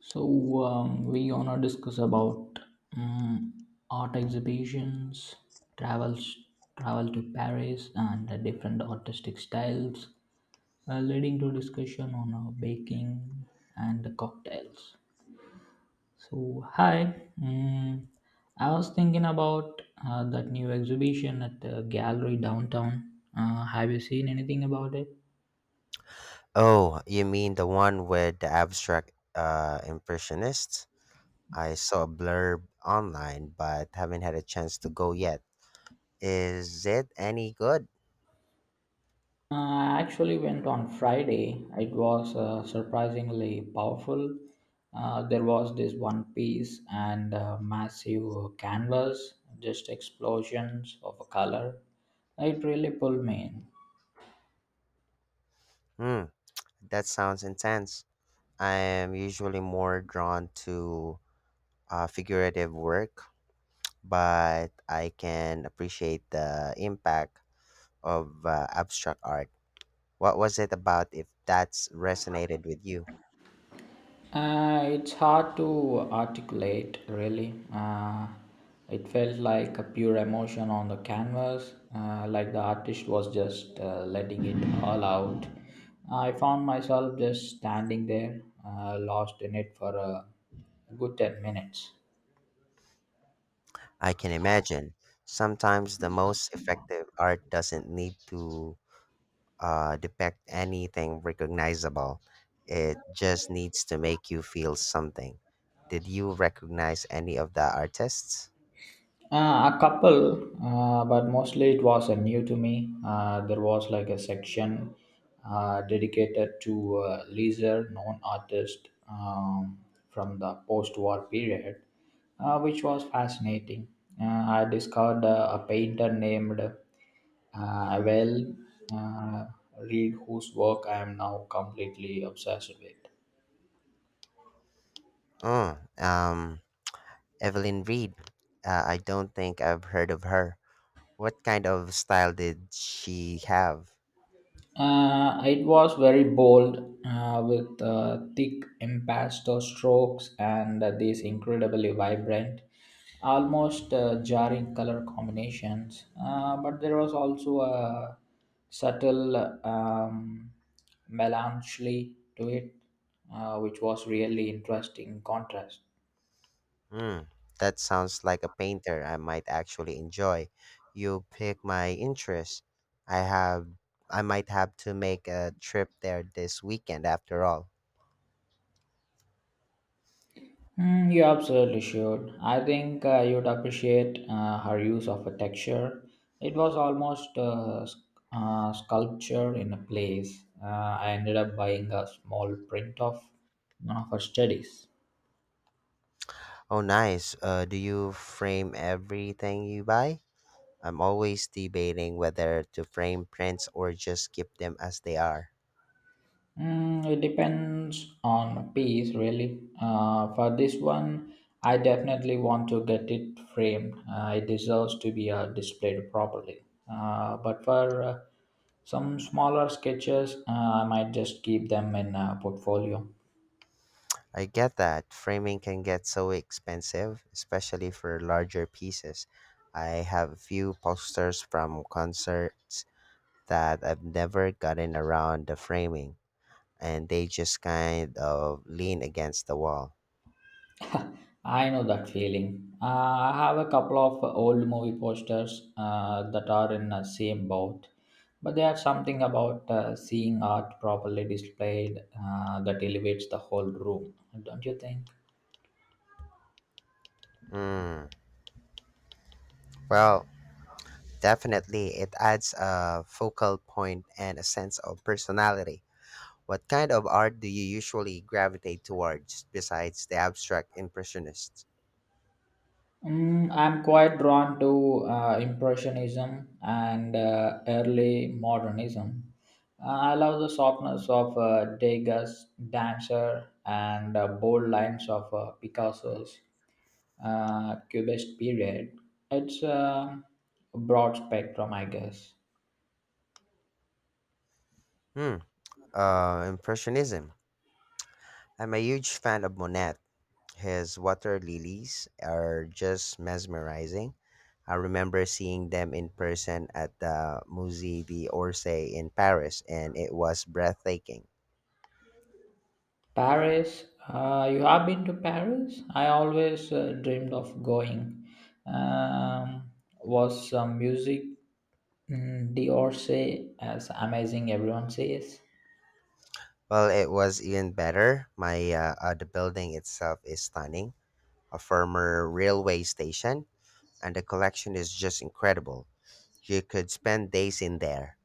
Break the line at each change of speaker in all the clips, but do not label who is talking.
We gonna discuss about um, art exhibitions, travels, travel to Paris, and different artistic styles, leading to discussion on baking and the cocktails. So hi, I was thinking about that new exhibition at the gallery downtown. Have you seen anything about it?
Oh, you mean the one with the abstract impressionists? I saw a blurb online, but haven't had a chance to go yet. Is it any good?
I actually went on Friday. It was surprisingly powerful. There was this one piece and massive canvas, just explosions of color. It really pulled me in.
Hmm, that sounds intense. I am usually more drawn to figurative work, but I can appreciate the impact of abstract art. What was it about if that's resonated with you?
It's hard to articulate, really. It felt like a pure emotion on the canvas, like the artist was just letting it all out. I found myself just standing there, lost in it for a good 10 minutes.
I can imagine. Sometimes the most effective art doesn't need to depict anything recognizable, it just needs to make you feel something. Did you recognize any of the artists?
A couple, but mostly it was new to me. There was like a section dedicated to lesser known artists from the post war period, which was fascinating. Uh, I discovered a painter named Well uh, Reed, whose work I am now completely obsessed with.
Oh, um, Evelyn Reed. I don't think I've heard of her. What kind of style did she have?
It was very bold with thick impasto strokes and these incredibly vibrant, almost jarring color combinations. But there was also a subtle um, melancholy to it, which was really interesting contrast.
Mm, that sounds like a painter I might actually enjoy. You pick my interest. I have I might have to make a trip there this weekend after all.
Mm, you absolutely should. I think you'd appreciate her use of a texture. It was almost a sculpture in a place. I ended up buying a small print of one of her studies.
Oh, nice. Do you frame everything you buy? I'm always debating whether to frame prints or just keep them as they are.
Mm, it depends on piece, really. For this one, I definitely want to get it framed. It deserves to be displayed properly. But for some smaller sketches, I might just keep them in a portfolio.
I get that framing can get so expensive, especially for larger pieces. I have a few posters from concerts that I've never gotten around the framing, and they just kind of lean against the wall.
I know that feeling. I have a couple of old movie posters that are in the same boat, but there's something about seeing art properly displayed that elevates the whole room, don't you think?
Mm, well, definitely, it adds a focal point and a sense of personality. What kind of art do you usually gravitate towards besides the abstract impressionists?
Mm, I'm quite drawn to Impressionism and early modernism. I love the softness of Degas' Dancer and bold lines of Picasso's. Cubist period. It's a broad spectrum, I guess.
Hmm. Impressionism. I'm a huge fan of Monet. His water lilies are just mesmerizing. I remember seeing them in person at the Musée d'Orsay in Paris, and it was breathtaking.
Paris, you have been to Paris? I always dreamed of going. Um, was some music D'Orsay as amazing everyone says?
Well, it was even better. My The building itself is stunning, a former railway station, and the collection is just incredible. You could spend days in there.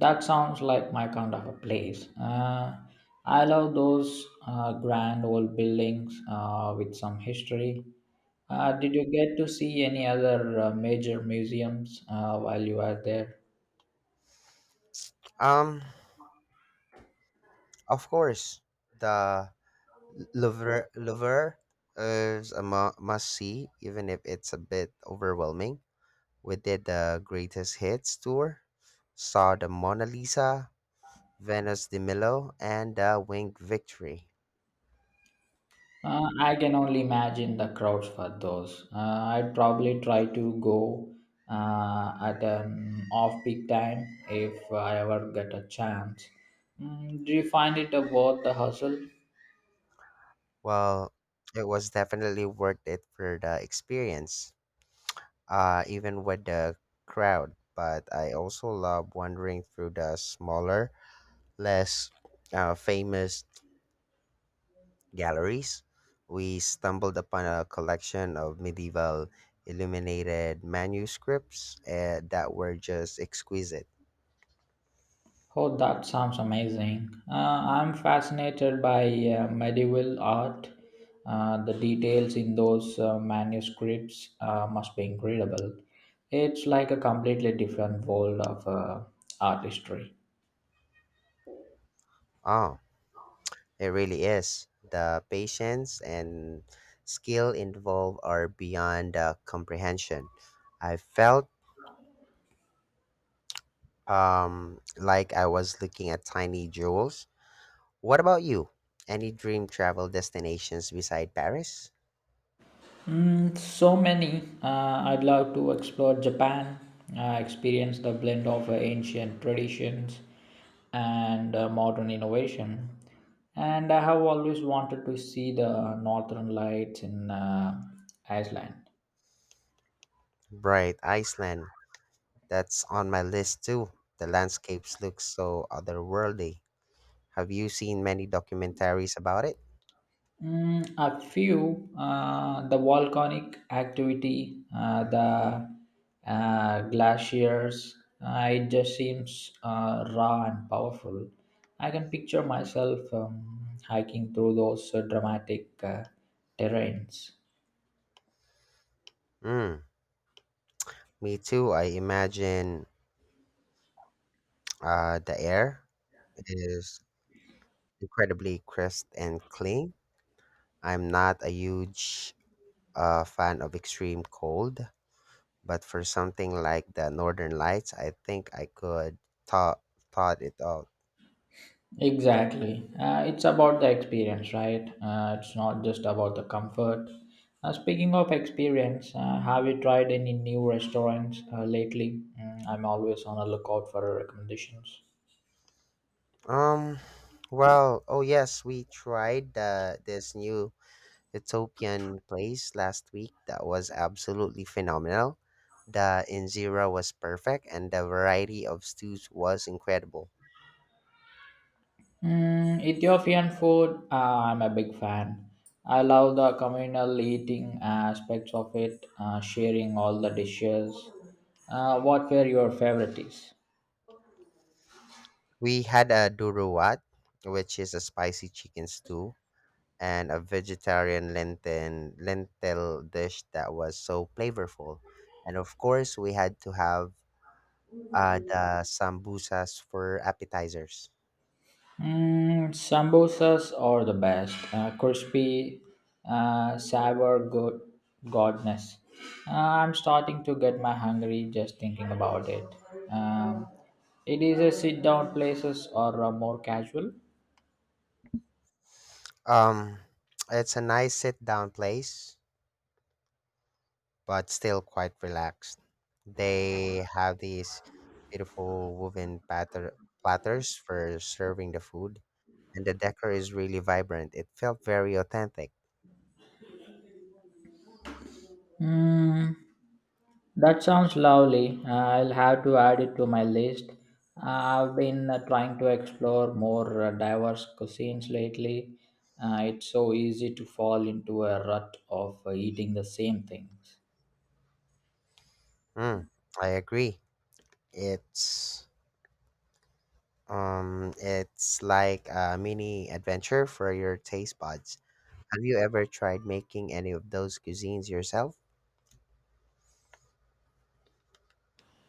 That sounds like my kind of a place. I love those grand old buildings with some history. Did you get to see any other major museums while you were there?
Um, of course, the Lover is a must see, even if it's a bit overwhelming. We did the Greatest Hits tour, saw the Mona Lisa, Venus de Milo, and the Winged Victory.
I can only imagine the crowds for those. I'd probably try to go at an off peak time if I ever get a chance. Mm, do you find it worth the hustle?
Well, it was definitely worth it for the experience, even with the crowd. But I also love wandering through the smaller, less famous galleries. We stumbled upon a collection of medieval illuminated manuscripts that were just exquisite.
Oh, that sounds amazing. I'm fascinated by medieval art. The details in those manuscripts must be incredible. It's like a completely different world of artistry.
Oh, it really is. The patience and skill involved are beyond comprehension. I felt like I was looking at tiny jewels. What about you? Any dream travel destinations beside Paris?
Mm, so many. I'd love to explore Japan, experience the blend of ancient traditions and modern innovation. And I have always wanted to see the northern lights in Iceland.
Bright Iceland. That's on my list too. The landscapes look so otherworldly. Have you seen many documentaries about it?
Mm, a few, the volcanic activity, the glaciers, it just seems raw and powerful. I can picture myself hiking through those dramatic terrains.
Mm, me too. I imagine the air is incredibly crisp and clean. I'm not a huge fan of extreme cold, but for something like the Northern Lights, I think I could thought thought it out.
Exactly. It's about the experience, right? It's not just about the comfort. Speaking of experience, have you tried any new restaurants lately? Mm, I'm always on the lookout for recommendations.
Um, oh, yes, we tried the this new Utopian place last week that was absolutely phenomenal. The injera was perfect and the variety of stews was incredible.
Mm, Ethiopian food, I'm a big fan. I love the communal eating aspects of it, sharing all the dishes. What were your favorites?
We had a duruwat, which is a spicy chicken stew, and a vegetarian lentil dish that was so flavorful. And of course, we had to have the sambusas for appetizers.
Mm, sambosas are the best. Crispy, sour, goodness. Uh, I'm starting to get my hungry just thinking about it. Um, it is a sit-down places or more casual.
Um, it's a nice sit-down place, but still quite relaxed. They have these beautiful platters for serving the food, and the decor is really vibrant. It felt very authentic.
Mm. That sounds lovely. I'll have to add it to my list. I've been trying to explore more diverse cuisines lately. It's so easy to fall into a rut of eating the same things.
Mm, I agree. It's it's like a mini adventure for your taste buds. Have you ever tried making any of those cuisines yourself?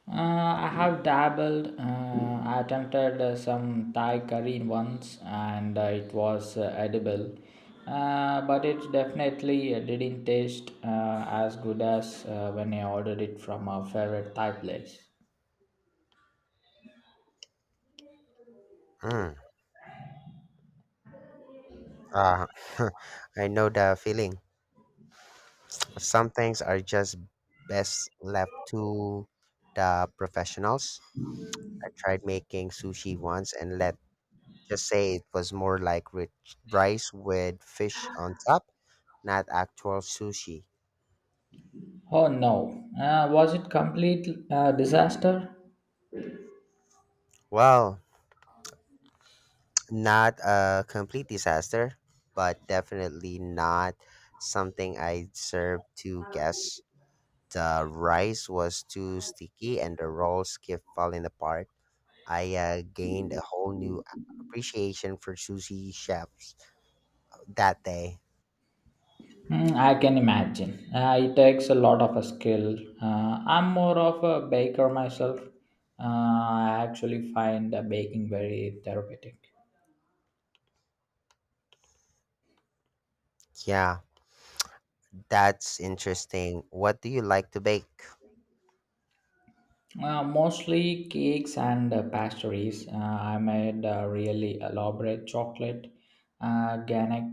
Uh, I have dabbled. I attempted some Thai curry once, and it was edible, but it definitely didn't taste as good as when I ordered it from a favorite Thai place.
Mm, uh, I know the feeling. Some things are just best left to the professionals. I tried making sushi once and let just say it was more like rich rice with fish on top, not actual sushi.
Oh no, was it complete disaster?
Well, not a complete disaster, but definitely not something I served to guess. The rice was too sticky and the rolls kept falling apart. I gained a whole new appreciation for sushi chefs that day.
Hmm, I can imagine. It takes a lot of a skill. I'm more of a baker myself. I actually find baking very therapeutic.
Yeah, that's interesting. What do you like to bake?
Mostly cakes and pastries. I made a really elaborate chocolate organic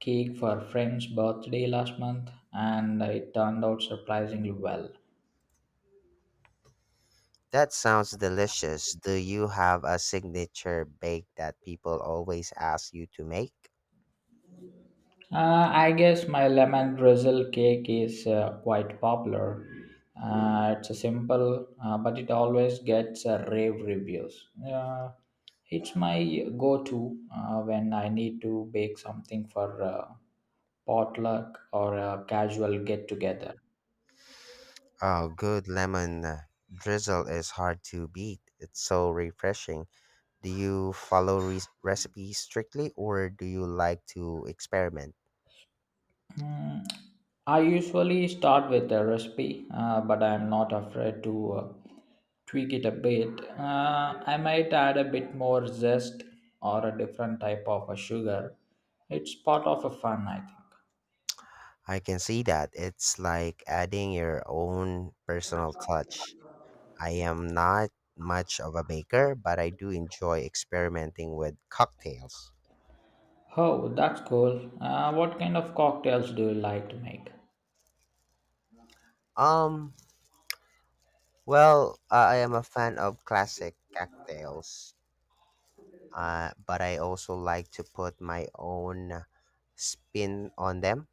cake for friend's birthday last month, and it turned out surprisingly well.
That sounds delicious. Do you have a signature bake that people always ask you to make?
I guess my lemon drizzle cake is quite popular. It's a simple, but it always gets rave reviews. It's my go-to when I need to bake something for potluck or a casual get-together.
Oh, good lemon drizzle is hard to beat. It's so refreshing. Do you follow recipes strictly or do you like to experiment?
Hmm, I usually start with a recipe, but I'm not afraid to tweak it a bit. I might add a bit more zest or a different type of a sugar. It's part of a fun, I think.
I can see that. It's like adding your own personal touch. I am not much of a baker, but I do enjoy experimenting with cocktails.
Oh, that's cool. What kind of cocktails do you like to make?
Um, well, I am a fan of classic cocktails but I also like to put my own spin on them.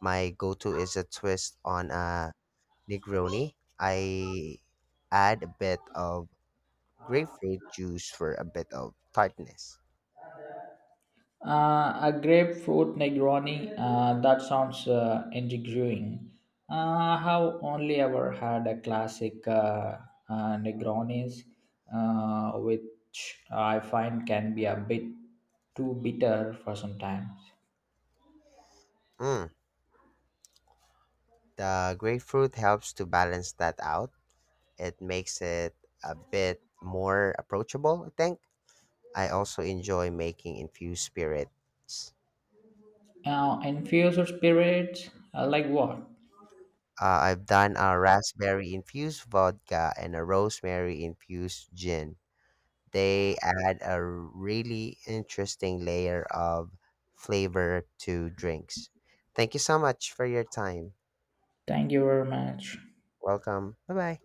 My go-to is a twist on a Negroni. I add a bit of grapefruit juice for a bit of tartness.
A grapefruit Negroni. That sounds intriguing. Uh, I have only ever had a classic Negronis, which I find can be a bit too bitter for some times.
Mm, the grapefruit helps to balance that out. It makes it a bit more approachable, I think. I also enjoy making infused spirits.
Infuse your spirits like what
I've done a raspberry infused vodka and a rosemary infused gin. They add a really interesting layer of flavor to drinks. Thank you so much for your time.
thank you very much
Welcome. Bye bye.